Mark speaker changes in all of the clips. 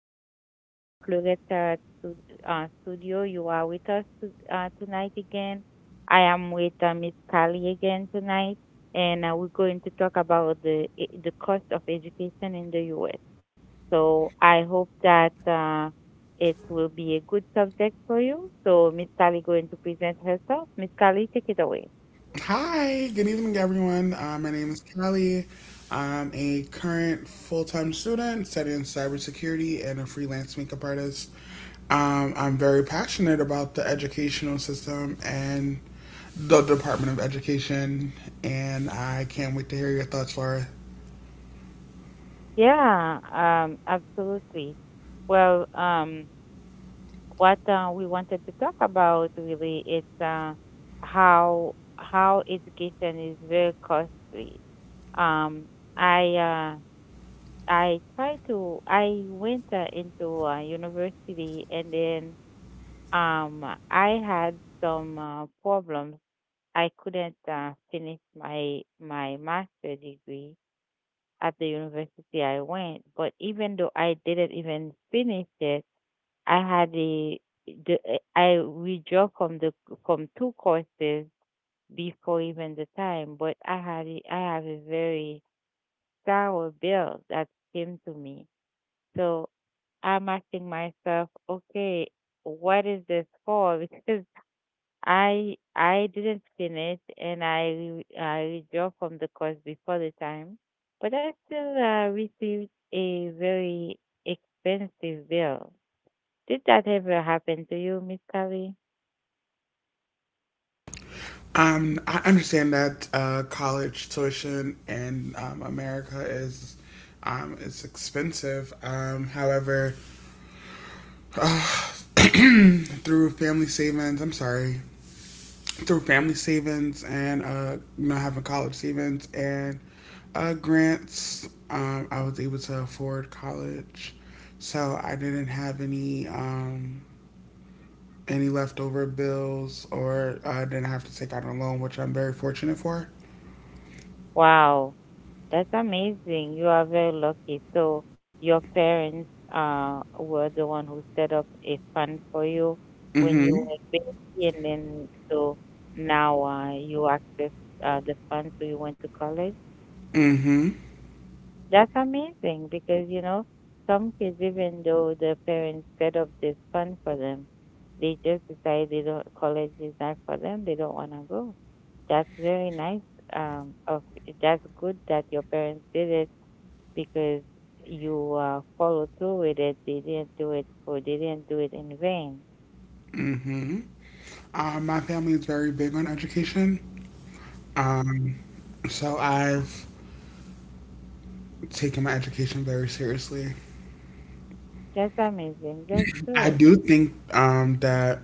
Speaker 1: your girl Floretta to Studio. You are with us tonight again. I am with Miss Kali again tonight, and we're going to talk about the cost of education in the U.S. So I hope that it will be a good subject for you. So Miss Kali going to present herself. Miss Kali, take it away.
Speaker 2: Hi, good evening, everyone. My name is Callie. I'm a current full time student studying cybersecurity and a freelance makeup artist. I'm very passionate about the educational system and the Department of Education, and I can't wait to hear your thoughts, Laura.
Speaker 1: Yeah, absolutely. Well, what we wanted to talk about really is how how education is very costly. Um, I uh, I tried to I went into university, and then um, I had some problems. I couldn't finish my master degree at the university I went, but even though I didn't even finish it, I had the, I withdraw from two courses before even the time, but I have a very sour bill that came to me. So I'm asking myself, okay, what is this for? Because I didn't finish, and I withdraw from the course before the time, but I still received a very expensive bill. Did that ever happen to you, Miss Kelly?
Speaker 2: I understand that college tuition in America is it's expensive. However, uh, through family savings. I'm sorry, through family savings and you know having college savings and grants. I was able to afford college, so I didn't have any leftover bills or I didn't have to take out a loan, which I'm very fortunate for.
Speaker 1: Wow, that's amazing. You are very lucky. So your parents were the one who set up a fund for you when you
Speaker 2: Mhm.
Speaker 1: were a baby, and then so now you access the fund, so you went to college.
Speaker 2: Mhm.
Speaker 1: That's amazing, because you know some kids, even though their parents set up this fund for them, they just decide they don't college is not for them. They don't want to go. That's very nice. Of That's good that your parents did it, because you follow through with it. They didn't do it for they didn't do it in vain.
Speaker 2: Mhm. My family is very big on education. Um, so I've taken my education very seriously.
Speaker 1: That's amazing. That's
Speaker 2: I
Speaker 1: good.
Speaker 2: do think that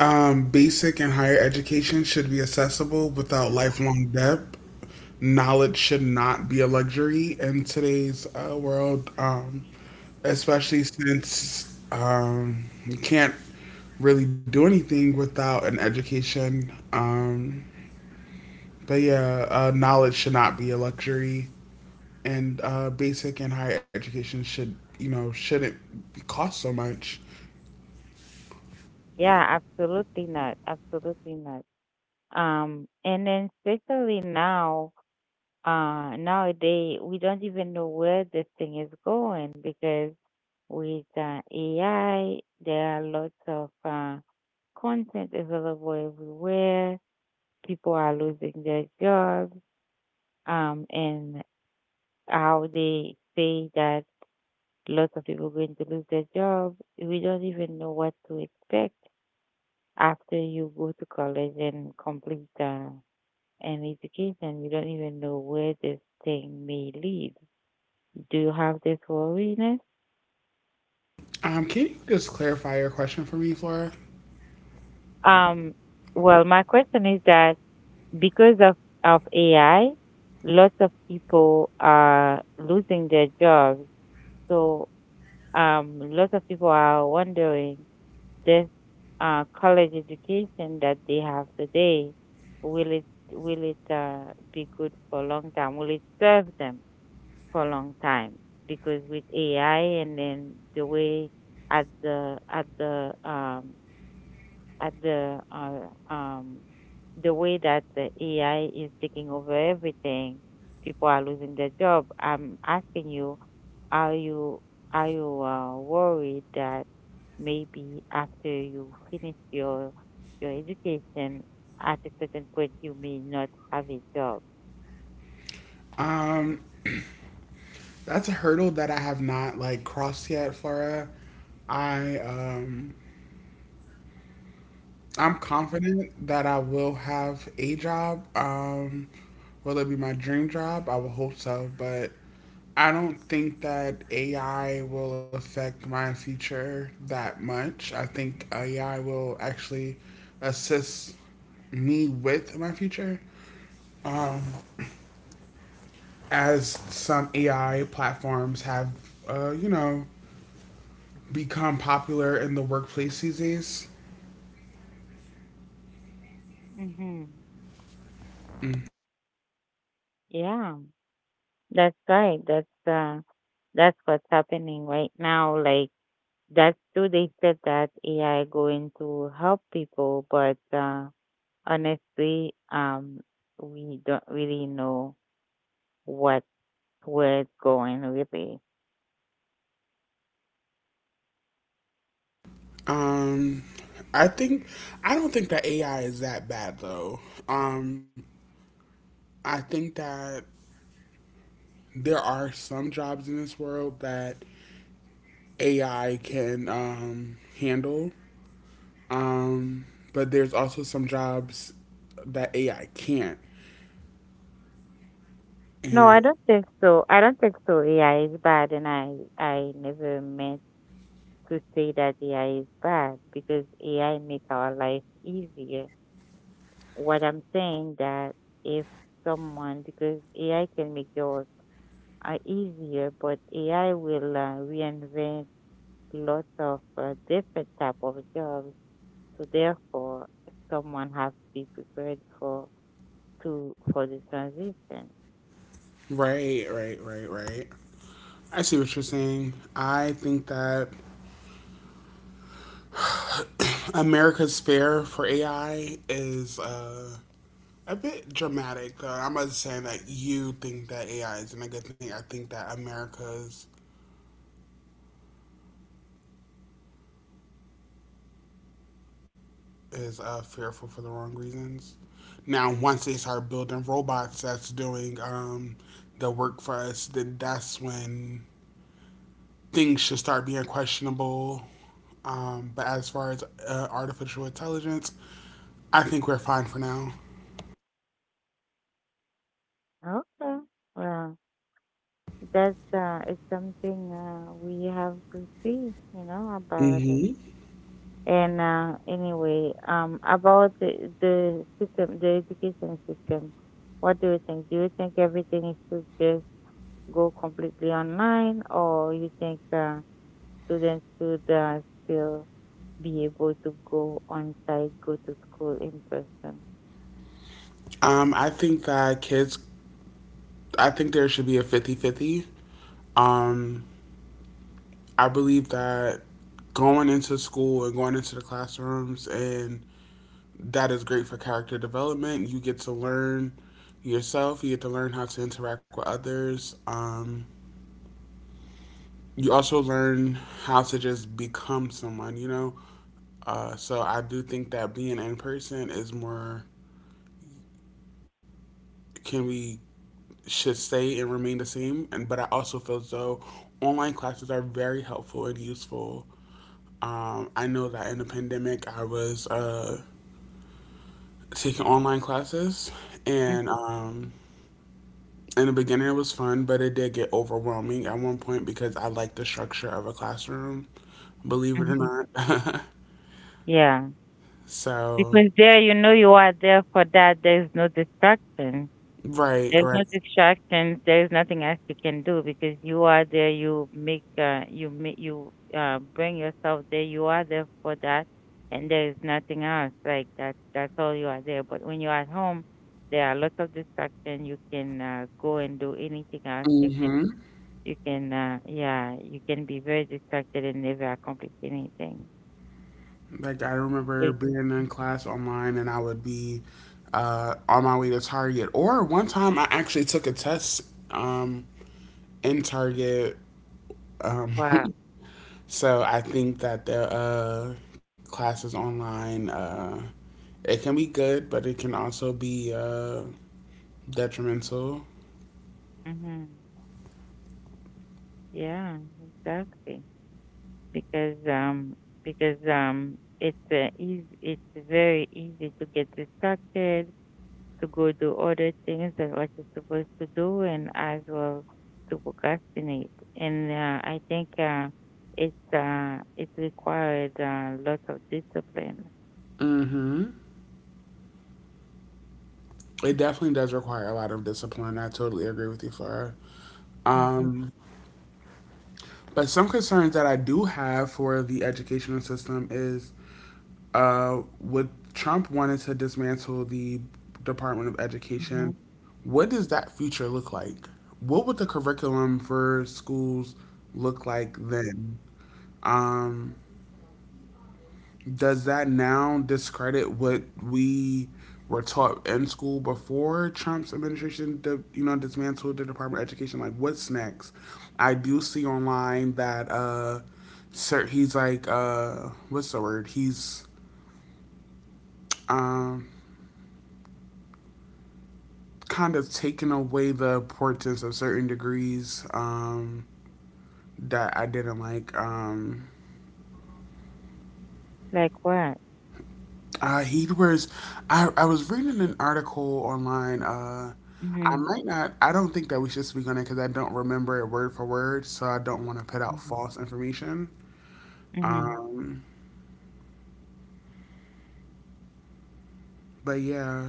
Speaker 2: basic and higher education should be accessible without lifelong debt. Knowledge should not be a luxury in today's world, especially since you can't really do anything without an education. But yeah, knowledge should not be a luxury, and basic and higher education should, you know, shouldn't cost so much.
Speaker 1: Yeah, absolutely not. Absolutely not. And then especially now, nowadays we don't even know where this thing is going, because with AI, there are lots of content available everywhere. People are losing their jobs, and how they say that lots of people going to lose their job. We don't even know what to expect after you go to college and complete an education. You don't even know where this thing may lead. Do you have this worriness?
Speaker 2: Can you just clarify your question for me, Flora?
Speaker 1: Um, well, my question is that because of AI, lots of people are losing their jobs. So um, lots of people are wondering this college education that they have today, will it will it be good for a long time? Will it serve them for a long time? Because with AI, and then the way at the at the at the way that the AI is taking over everything. People are losing their job. I'm asking you, are you are you worried that maybe after you finish your education at a certain point you may not have a job?
Speaker 2: Um, that's a hurdle that I have not like crossed yet, Flora. I um, I'm confident that I will have a job. Will it be my dream job? I will hope so, but I don't think that AI will affect my future that much. I think AI will actually assist me with my future, as some AI platforms have, you know, become popular in the workplace these days.
Speaker 1: Mm-hmm. Yeah, that's right. That's what's happening right now. Like that's true. They said that AI going to help people, but honestly, we don't really know what where it's going really.
Speaker 2: Um, I think I don't think that AI is that bad though. Um, I think that there are some jobs in this world that AI can handle, um, but there's also some jobs that AI can't.
Speaker 1: No,
Speaker 2: And
Speaker 1: I don't think so. I don't think so. AI is bad, and I never meant to say that AI is bad, because AI make our life easier. What I'm saying that if someone because AI can make your work easier, but AI will reinvent lots of different type of jobs. So therefore, someone has to be prepared for to for the transition.
Speaker 2: right, right, right, right, I see what you're saying. I think that America's fear for AI is a bit dramatic. I'm not saying that you think that AI is a negative thing. I think that America's is fearful for the wrong reasons. Now, once they start building robots that's doing the work for us, then that's when things should start being questionable. But as far as artificial intelligence, I think we're fine for now.
Speaker 1: Okay, well, that's it's something we have to see, you know, about it.
Speaker 2: hmm
Speaker 1: And anyway, about the system, the education system. What do you think? Do you think everything should just go completely online, or you think students should still be able to go on site, go to school in person.
Speaker 2: Um, I think that kids, I think there should be a 50-50. Um, I believe that going into school and going into the classrooms and that is great for character development. You get to learn yourself. You get to learn how to interact with others. You also learn how to just become someone. You know, so I do think that being in person is more can we should stay and remain the same. And but I also feel as though online classes are very helpful and useful. I know that in the pandemic, I was taking online classes, and in the beginning, it was fun, but it did get overwhelming at one point because I like the structure of a classroom, believe it or
Speaker 1: Mm-hmm.
Speaker 2: not.
Speaker 1: Yeah.
Speaker 2: So,
Speaker 1: Because there, you know, you are there for that. There's no distraction.
Speaker 2: right,
Speaker 1: There's
Speaker 2: right.
Speaker 1: no distractions. There's nothing else you can do because you are there. You bring yourself there. You are there for that, and there is nothing else. Like that's all you are there. But when you are at home, there are lots of distraction. You can go and do anything else.
Speaker 2: hmm
Speaker 1: You can, yeah, you can be very distracted and never accomplish anything.
Speaker 2: Like, I remember
Speaker 1: Okay.
Speaker 2: being in class online, and I would be on my way to Target. Or one time, I actually took a test um, in Target. Um,
Speaker 1: Wow.
Speaker 2: So I think that the classes online it can be good, but it can also be detrimental.
Speaker 1: Mm-hmm. Yeah, exactly. Because um, because it's it's very easy to get distracted, to go do other things that what you're supposed to do, and as well to procrastinate. And I think it's it required lots of discipline.
Speaker 2: Mm-hmm. It definitely does require a lot of discipline. I totally agree with you, Flora.
Speaker 1: Mm-hmm.
Speaker 2: Um, but some concerns that I do have for the educational system is uh, with Trump wanted to dismantle the Department of
Speaker 1: Mm-hmm.
Speaker 2: Education, what does that future look like? What would the curriculum for schools look like then? Um, does that now discredit what we were taught in school before Trump's administration, you know, dismantled the Department of Education? Like, what's next? I do see online that sir, he's like, what's the word? He's um, kind of taken away the importance of certain degrees that I didn't like.
Speaker 1: Like what?
Speaker 2: He was. I was reading an article online. I
Speaker 1: Mm-hmm.
Speaker 2: might not. I don't think that we should speak on it because I don't remember it word for word, so I don't want to put out
Speaker 1: Mm-hmm.
Speaker 2: false information.
Speaker 1: Mhm.
Speaker 2: Um, but yeah.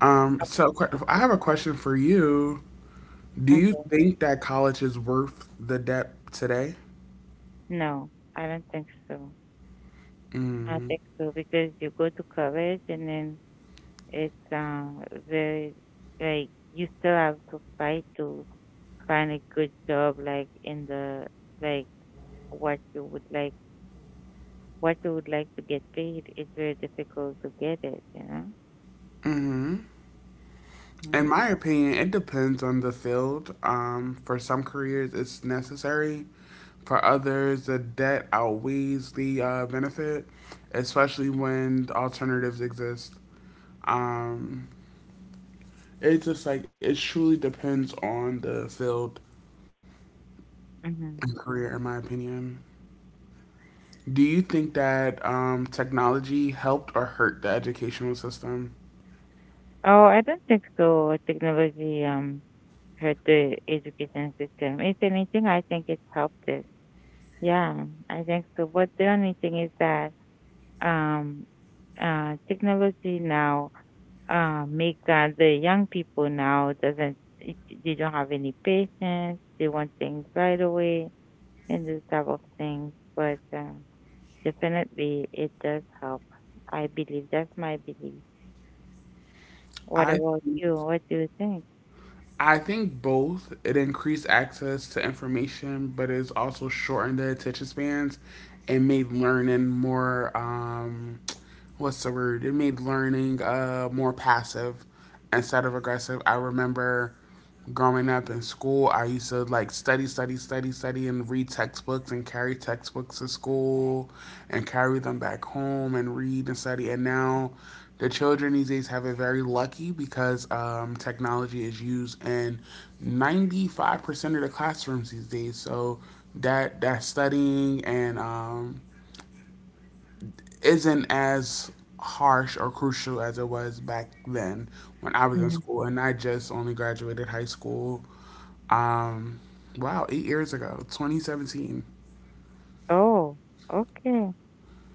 Speaker 2: I have a question for you. Do you
Speaker 1: Okay.
Speaker 2: think that college is worth the debt today?
Speaker 1: No, I don't think so. I don't think
Speaker 2: Mm.
Speaker 1: so, because you go to college and then it's very like you still have to fight to find a good job like in the like what you would like to get paid. It's very difficult to get it, you know?
Speaker 2: Mm-hmm. In my opinion, it depends on the field. For some careers, it's necessary. For others, the debt outweighs the benefit, especially when alternatives exist. Um, it just like it truly depends on the field
Speaker 1: Mm-hmm.
Speaker 2: and career, in my opinion. Do you think that technology helped or hurt the educational system?
Speaker 1: Oh, I don't think so. Technology hurt the education system. If anything, I think it helped it. Yeah, I think so. But the only thing is that um, technology now make the young people now doesn't it- they don't have any patience. They want things right away and this type of things. But definitely, it does help. I believe that's my belief. What
Speaker 2: I
Speaker 1: about you? What do you think?
Speaker 2: I think both. It increased access to information, but it's also shortened the attention spans and made learning more what's the word? It made learning more passive instead of aggressive. I remember growing up in school, I used to like study, and read textbooks and carry textbooks to school and carry them back home and read and study. And now the children these days have it very lucky because technology is used in 95% of the classrooms these days. So that studying and isn't as harsh or crucial as it was back then when I was in
Speaker 1: Mhm.
Speaker 2: school, and I just only graduated high school. Um, wow, 8 years ago, 2017.
Speaker 1: Oh, okay.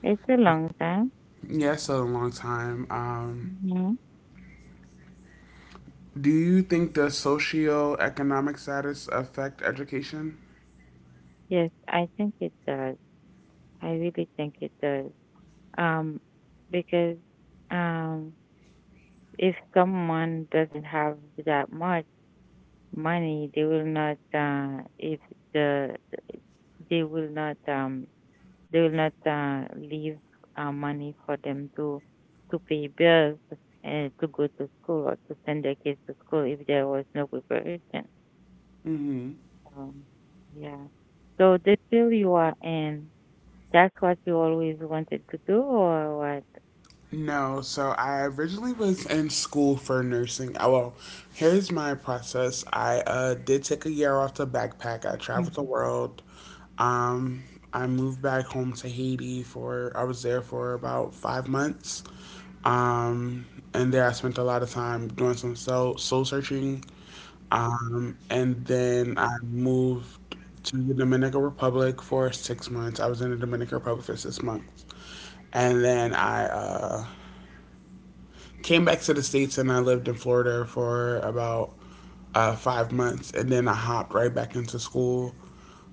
Speaker 1: It's a long time.
Speaker 2: Yeah, it's a long time.
Speaker 1: Hmm.
Speaker 2: Do you think the socioeconomic status affect education?
Speaker 1: Yes, I think it does. I really think it does. Um, because um, if someone doesn't have that much money, they will not. If the they will not. They will not leave money for them to pay bills and to go to school or to send their kids to school if there was no preparation.
Speaker 2: Mm-hmm.
Speaker 1: Um, yeah. So the field you are in, that's what you always wanted to do, or what?
Speaker 2: No, so I originally was in school for nursing. Well, here's my process. I did take a year off to backpack. I traveled the world. Um, I moved back home to Haiti for, I was there for about 5 months. Um, and there I spent a lot of time doing some soul searching. And then I moved to the Dominican Republic for 6 months. I was in the Dominican Republic for 6 months. And then I came back to the States and I lived in Florida for about 5 months and then I hopped right back into school.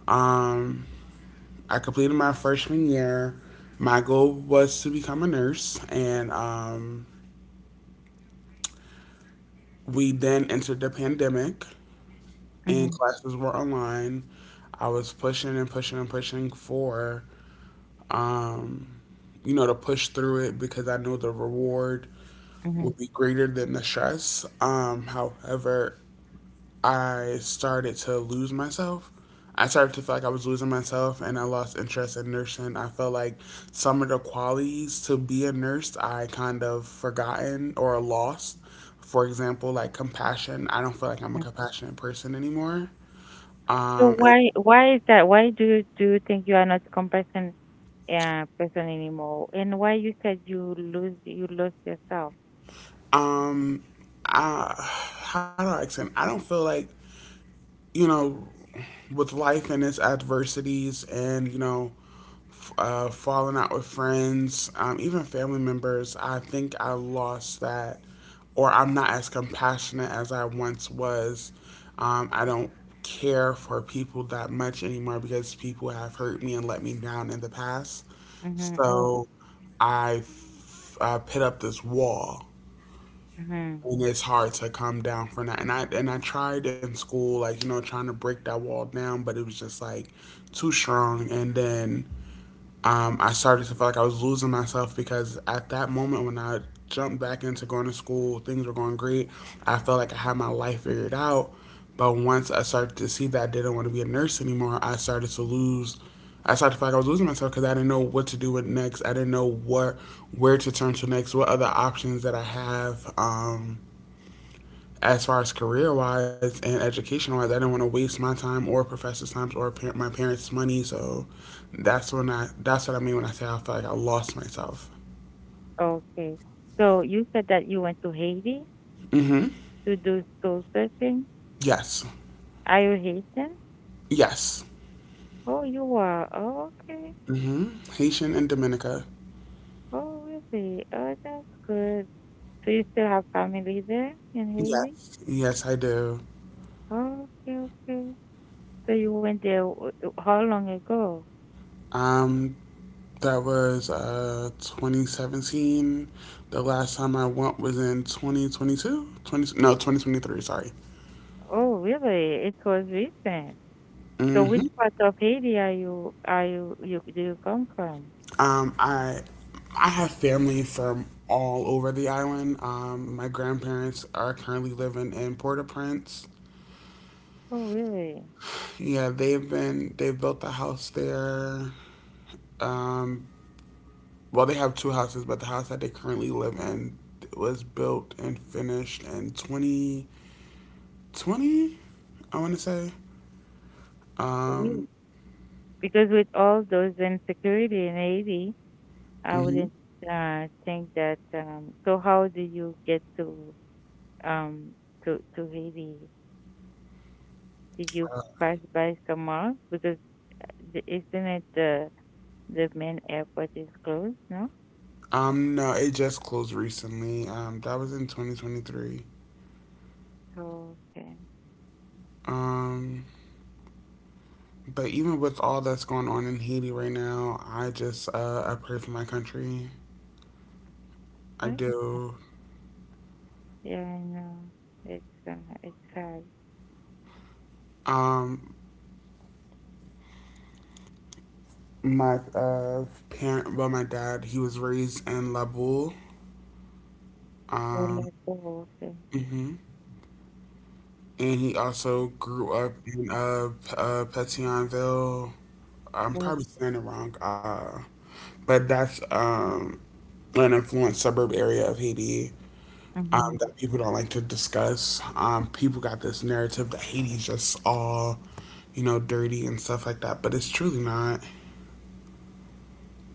Speaker 2: Um, I completed my freshman year. My goal was to become a nurse, and we then entered the pandemic, and
Speaker 1: Mm-hmm.
Speaker 2: classes were online. I was pushing and pushing and pushing for, um, you know, to push through it because I knew the reward
Speaker 1: Mm-hmm.
Speaker 2: would be greater than the stress. However, I started to lose myself. I started to feel like I was losing myself and I lost interest in nursing. I felt like some of the qualities to be a nurse I kind of forgotten or lost. For example, like compassion. I don't feel like I'm a compassionate person anymore.
Speaker 1: So
Speaker 2: Um, and,
Speaker 1: why is that? Why do you think you are not a comparison person anymore? And why you said you lost yourself?
Speaker 2: um, I, how do I explain? I don't feel like, you know, with life and its adversities and, you know, falling out with friends, even family members. I think I lost that, or I'm not as compassionate as I once was. I don't care for people that much anymore because people have hurt me and let me down in the past.
Speaker 1: Mm-hmm. Oh,
Speaker 2: So put up this wall,
Speaker 1: mm-hmm.
Speaker 2: and it's hard to come down from that. And I tried in school, like you know, trying to break that wall down, but it was just like too strong. And then I started to feel like I was losing myself because at that moment when I jumped back into going to school, things were going great. I felt like I had my life figured out. But once I started to see that I didn't want to be a nurse anymore, I started to lose. I started to feel like I was losing myself because I didn't know what to do with next. I didn't know what where to turn to next, what other options that I have. As far as career wise and education wise, I didn't want to waste my time or professor's time or my parents' money. So that's what I mean when I say I feel like I lost myself.
Speaker 1: Okay. So you said that you went to Haiti
Speaker 2: Mm-hmm.
Speaker 1: to do soul searching.
Speaker 2: Yes.
Speaker 1: Are you Haitian?
Speaker 2: Yes.
Speaker 1: Oh, you are. Oh, okay.
Speaker 2: Mm-hmm. Haitian and Dominica.
Speaker 1: Oh, really? Oh, that's good. So you still have family there in
Speaker 2: Yes.
Speaker 1: Haiti?
Speaker 2: Yes, I do.
Speaker 1: Oh, okay, okay. So you went there how long ago?
Speaker 2: Um, that was 2017. The last time I went was in 2022. 20 no 2023. Sorry.
Speaker 1: Oh, really? It was recent. So which
Speaker 2: hmm
Speaker 1: part of Haiti are you you do you come from?
Speaker 2: Um, I I have family from all over the island. My grandparents are currently living in Port-au-Prince.
Speaker 1: Oh really?
Speaker 2: Yeah, they've built a house there. Um, well, they have 2 houses, but the house that they currently live in was built and finished in 2020. I want to say.
Speaker 1: Really?
Speaker 2: Um,
Speaker 1: Because with all those insecurity in Haiti, I
Speaker 2: mhm.
Speaker 1: wouldn't think that so how did you get um to Haiti? Did you pass by somewhere? Because isn't it the main airport is closed, no?
Speaker 2: No, it just closed recently. That was in 2023.
Speaker 1: Okay.
Speaker 2: Um, But even with all that's going on in Haiti right now, I just I pray for my country. I
Speaker 1: Huh?
Speaker 2: do.
Speaker 1: Yeah, I know. It's sad.
Speaker 2: Um, my my dad, he was raised in Laboul.
Speaker 1: Oh,
Speaker 2: Um,
Speaker 1: like, oh, okay.
Speaker 2: mhm. And he also grew up in Petionville. I'm probably saying it wrong. But that's an influenced suburb area of Haiti.
Speaker 1: Mm-hmm.
Speaker 2: That people don't like to discuss. People got this narrative that Haiti's just all, dirty and stuff like that, but it's truly not.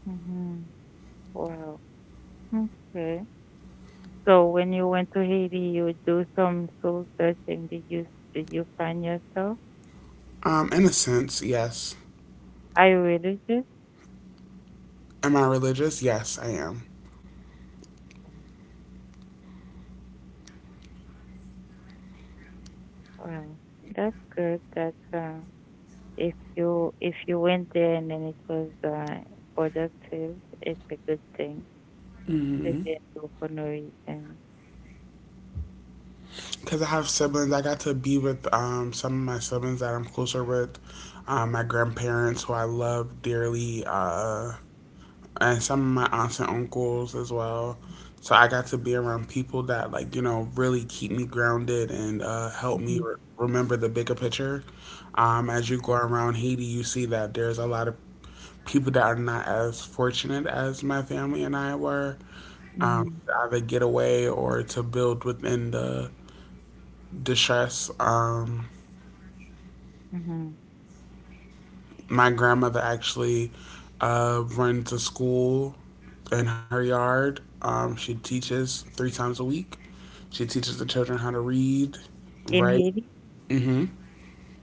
Speaker 1: Mm-hmm. Wow. Okay. So when you went to Haiti, you do some soul searching. Did you find yourself?
Speaker 2: In a sense, yes.
Speaker 1: Are you religious?
Speaker 2: Am I religious? Yes, I am.
Speaker 1: Wow, that's good. That's If you went there and then it was productive, it's a good thing. If you didn't go for no reason.
Speaker 2: Because I have siblings. I got to be with some of my siblings that I'm closer with. My grandparents, who I love dearly. And some of my aunts and uncles as well. So I got to be around people that, like, you know, really keep me grounded and help me
Speaker 1: Mm-hmm.
Speaker 2: remember the bigger picture. As you go around Haiti, you see that there's a lot of people that are not as fortunate as my family and I were,
Speaker 1: Mm-hmm.
Speaker 2: to either get away or to build within the distress.
Speaker 1: Mm-hmm.
Speaker 2: My grandmother actually runs a school in her yard. She teaches three times a week. She teaches the children how to read,
Speaker 1: In
Speaker 2: write.
Speaker 1: Haiti,
Speaker 2: Mm-hmm.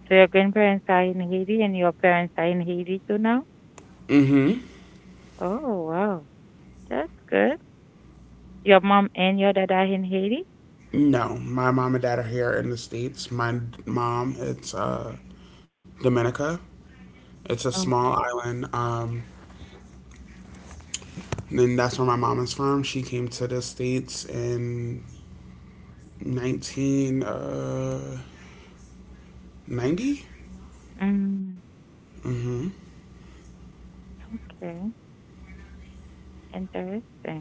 Speaker 1: so your grandparents are in Haiti, and your parents are in Haiti too now.
Speaker 2: Mm-hmm.
Speaker 1: Oh wow, that's good. Your mom and your dad are in Haiti?
Speaker 2: No, my mom and dad are here in the states. My mom, it's Dominica. It's a
Speaker 1: Oh,
Speaker 2: small island, and that's where my mom is from. She came to the states in 19 90.
Speaker 1: mm, okay. Interesting.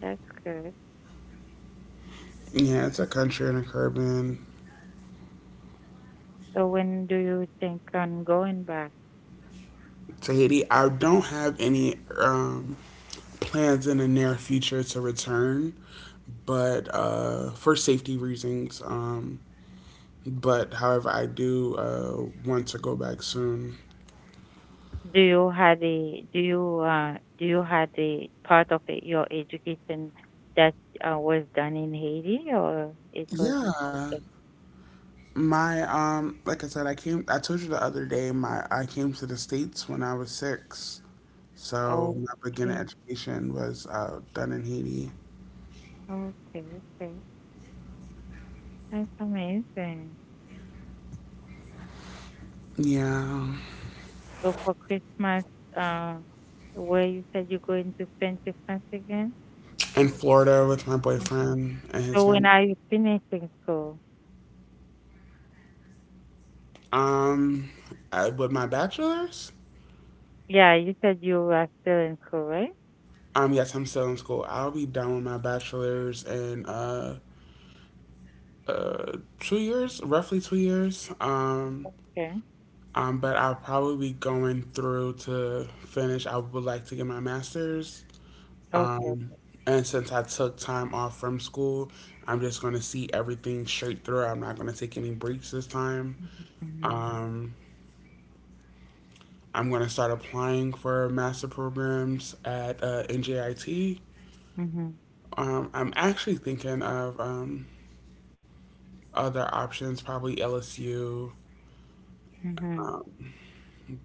Speaker 1: That's good.
Speaker 2: Yeah, it's a country in a Caribbean.
Speaker 1: So when do you think on going back?
Speaker 2: Tahiti. I don't have any plans in the near future to return, but for safety reasons. But however, I do want to go back soon.
Speaker 1: Do you had a do you uh do you had a part of it, your education that was done in Haiti, or it was
Speaker 2: Yeah,
Speaker 1: also
Speaker 2: my like I said, I came. I told you the other day. My I came to the states when I was six, so my beginner
Speaker 1: okay
Speaker 2: education was done in Haiti.
Speaker 1: okay okay that's amazing.
Speaker 2: Yeah,
Speaker 1: So for Christmas, uh, where you said you're going to spend Christmas again?
Speaker 2: in Florida with my boyfriend and his
Speaker 1: So when
Speaker 2: family.
Speaker 1: are you finishing school?
Speaker 2: Um, I, with my bachelor's,
Speaker 1: Yeah, you said you are still in school, right?
Speaker 2: yes, I'm still in school. I'll be done with my bachelor's in uh, 2 years, roughly 2 years.
Speaker 1: Okay.
Speaker 2: But I'll probably be going through to finish. I would like to get my master's.
Speaker 1: Okay.
Speaker 2: Um, and since I took time off from school, I'm just going to see everything straight through. I'm not going to take any breaks this time.
Speaker 1: Mhm.
Speaker 2: Um, I'm going to start applying for master programs at NJIT.
Speaker 1: Mhm.
Speaker 2: I'm actually thinking of other options, probably LSU,
Speaker 1: Mhm.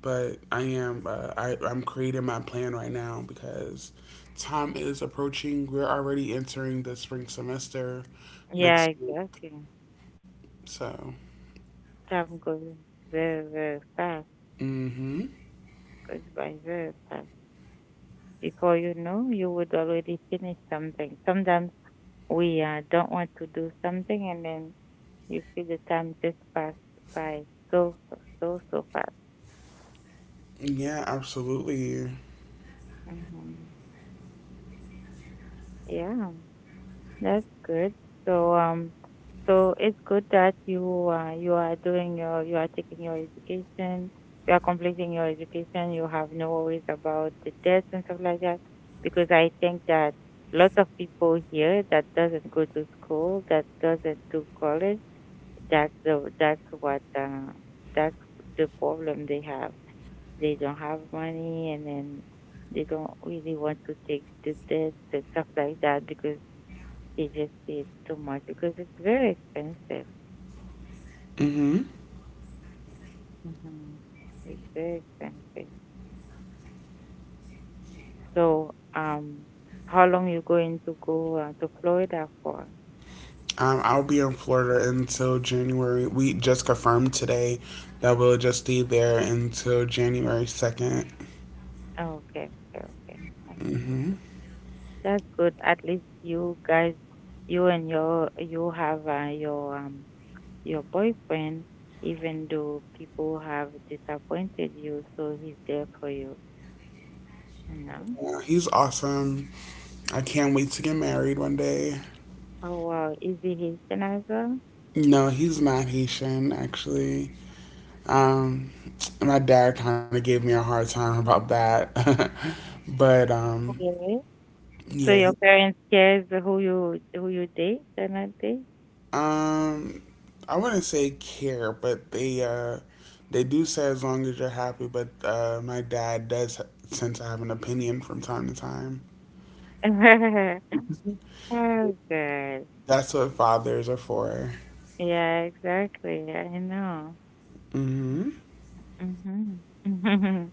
Speaker 2: but I'm creating my plan right now because time is approaching. We're already entering the spring semester
Speaker 1: Yeah,
Speaker 2: next week,
Speaker 1: exactly.
Speaker 2: so.
Speaker 1: Time goes very, very fast.
Speaker 2: Mm-hmm.
Speaker 1: Goes by very fast. Before you know, you would already finish something. Sometimes we don't want to do something, and then you see the time just pass by so fast.
Speaker 2: Yeah, absolutely.
Speaker 1: Mhm. Yeah. That's good. So so it's good that you you are doing you are taking your education, you are completing your education. You have no worries about the debts and stuff like that, because I think that lots of people here that doesn't go to school, that doesn't do college, that's what that's the problem they have. They don't have money, and then they don't really want to take the debts and stuff like that because it just is too much because it's very expensive.
Speaker 2: Mm-hmm.
Speaker 1: Hmm. It's very expensive. So, how long you going to go to Florida for?
Speaker 2: I'll be in Florida until January. We just confirmed today that we'll just stay there until January 2nd.
Speaker 1: Oh, okay, okay, okay. Um,
Speaker 2: Mm-hmm.
Speaker 1: That's good. At least you guys, you have your boyfriend. Even though people have disappointed you, so he's there for you. You know?
Speaker 2: Yeah, he's awesome. I can't wait to get married one day.
Speaker 1: Oh wow, is he Haitian as well?
Speaker 2: No, he's not Haitian, actually. Um, my dad kind of gave me a hard time about that. but um,
Speaker 1: Okay. So
Speaker 2: yeah,
Speaker 1: your
Speaker 2: he,
Speaker 1: parents cares who you date and not date?
Speaker 2: um, I wouldn't say care, but they do say as long as you're happy. But my dad does tend to have an opinion from time to time.
Speaker 1: Oh good.
Speaker 2: That's what fathers are for.
Speaker 1: Yeah, exactly. I know.
Speaker 2: Hmm.
Speaker 1: Mhm.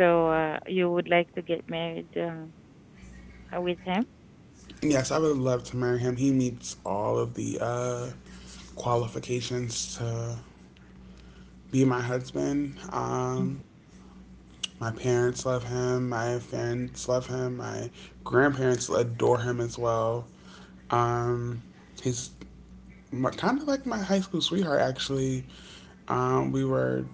Speaker 1: So you would like to get married with him?
Speaker 2: Yes, I would love to marry him. He meets all of the qualifications to be my husband. My parents love him. My friends love him. My grandparents adore him as well. Um, he's kind of like my high school sweetheart, actually. We were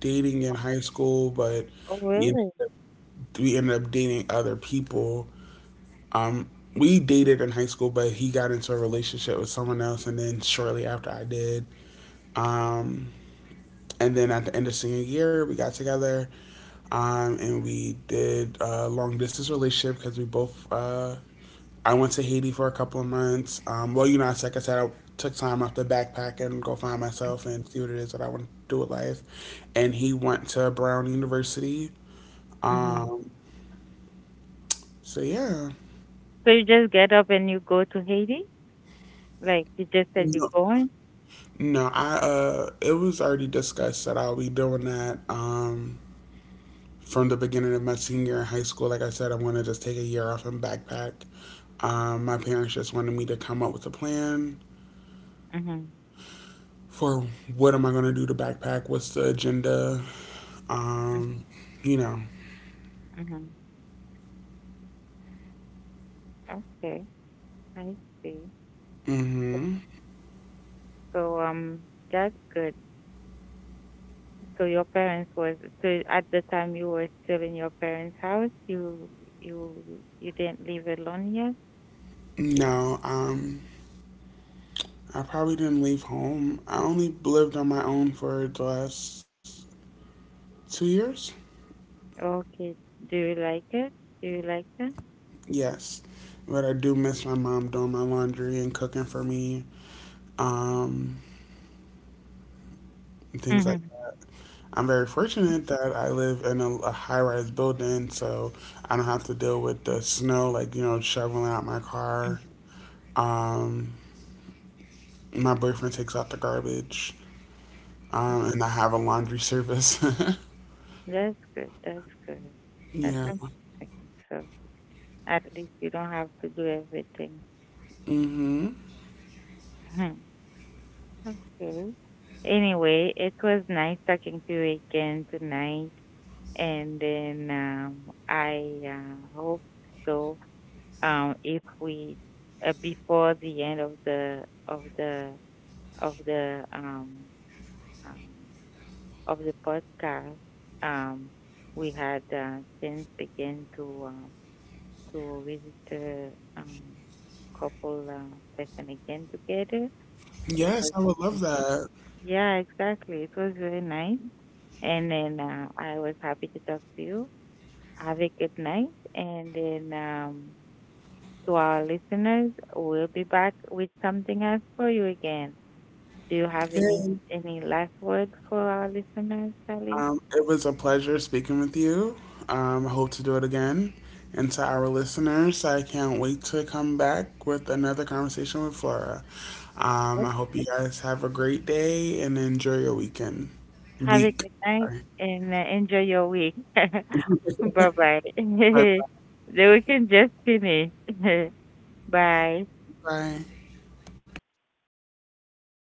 Speaker 2: dating in high school, but
Speaker 1: Oh
Speaker 2: we ended
Speaker 1: really?
Speaker 2: we ended up dating other people. Um, we dated in high school, but he got into a relationship with someone else, and then shortly after I did. Um, and then at the end of senior year, we got together, and we did a long distance relationship because we both. I went to Haiti for a couple of months. Well, you know, it's like I said, I took time off the backpack and go find myself and see what it is that I want to do with life. And he went to Brown University.
Speaker 1: Mhm.
Speaker 2: Um, so yeah.
Speaker 1: So you just get up and you go to Haiti? Like you just said you're
Speaker 2: no,
Speaker 1: going?
Speaker 2: no, I it was already discussed that I'll be doing that. From the beginning of my senior year in high school, like I said, I want to just take a year off and backpack. My parents just wanted me to come up with a plan
Speaker 1: Mhm.
Speaker 2: for, what am I going to do to backpack? What's the agenda? Um, you know,
Speaker 1: Mhm. Okay. I see.
Speaker 2: mm-hmm.
Speaker 1: So that's good. So your parents was so at the time you were still in your parents' house. You you didn't live alone yet.
Speaker 2: no, um, I probably didn't leave home. I only lived on my own for the last 2 years.
Speaker 1: Okay. Do you like it? Do you like that?
Speaker 2: Yes, but I do miss my mom doing my laundry and cooking for me. Um, and things like.
Speaker 1: Mm-hmm.
Speaker 2: I'm very fortunate that I live in a high-rise building, so I don't have to deal with the snow, like, you know, shoveling out my car. Um, My boyfriend takes out the garbage, and I have a laundry service.
Speaker 1: That's good. That's good. That's
Speaker 2: Yeah.
Speaker 1: amazing. So at least you don't have to do everything.
Speaker 2: Mm-hmm.
Speaker 1: Mhm. Okay. Anyway, it was nice talking to you again tonight, and then I hope so if we before the end of the of the of the um, of the podcast, um, we had chance again to uh, to register couple session again together. It
Speaker 2: Yes,
Speaker 1: was
Speaker 2: I would love
Speaker 1: nice.
Speaker 2: that.
Speaker 1: Yeah, exactly. It was very nice, and then I was happy to talk to you. Have a good night, and then to our listeners. We'll be back with something else for you again. Do you have
Speaker 2: Yay.
Speaker 1: any last words for our listeners, Sally?
Speaker 2: It was a pleasure speaking with you. I hope to do it again. And to our listeners, I can't wait to come back with another conversation with Flora.
Speaker 1: Oh,
Speaker 2: I hope you guys have a great day and enjoy your weekend.
Speaker 1: have a
Speaker 2: Week.
Speaker 1: good night,
Speaker 2: Sorry.
Speaker 1: and enjoy your week. Bye bye.
Speaker 2: Bye bye.
Speaker 1: Then we can just finish. Bye.
Speaker 2: Bye.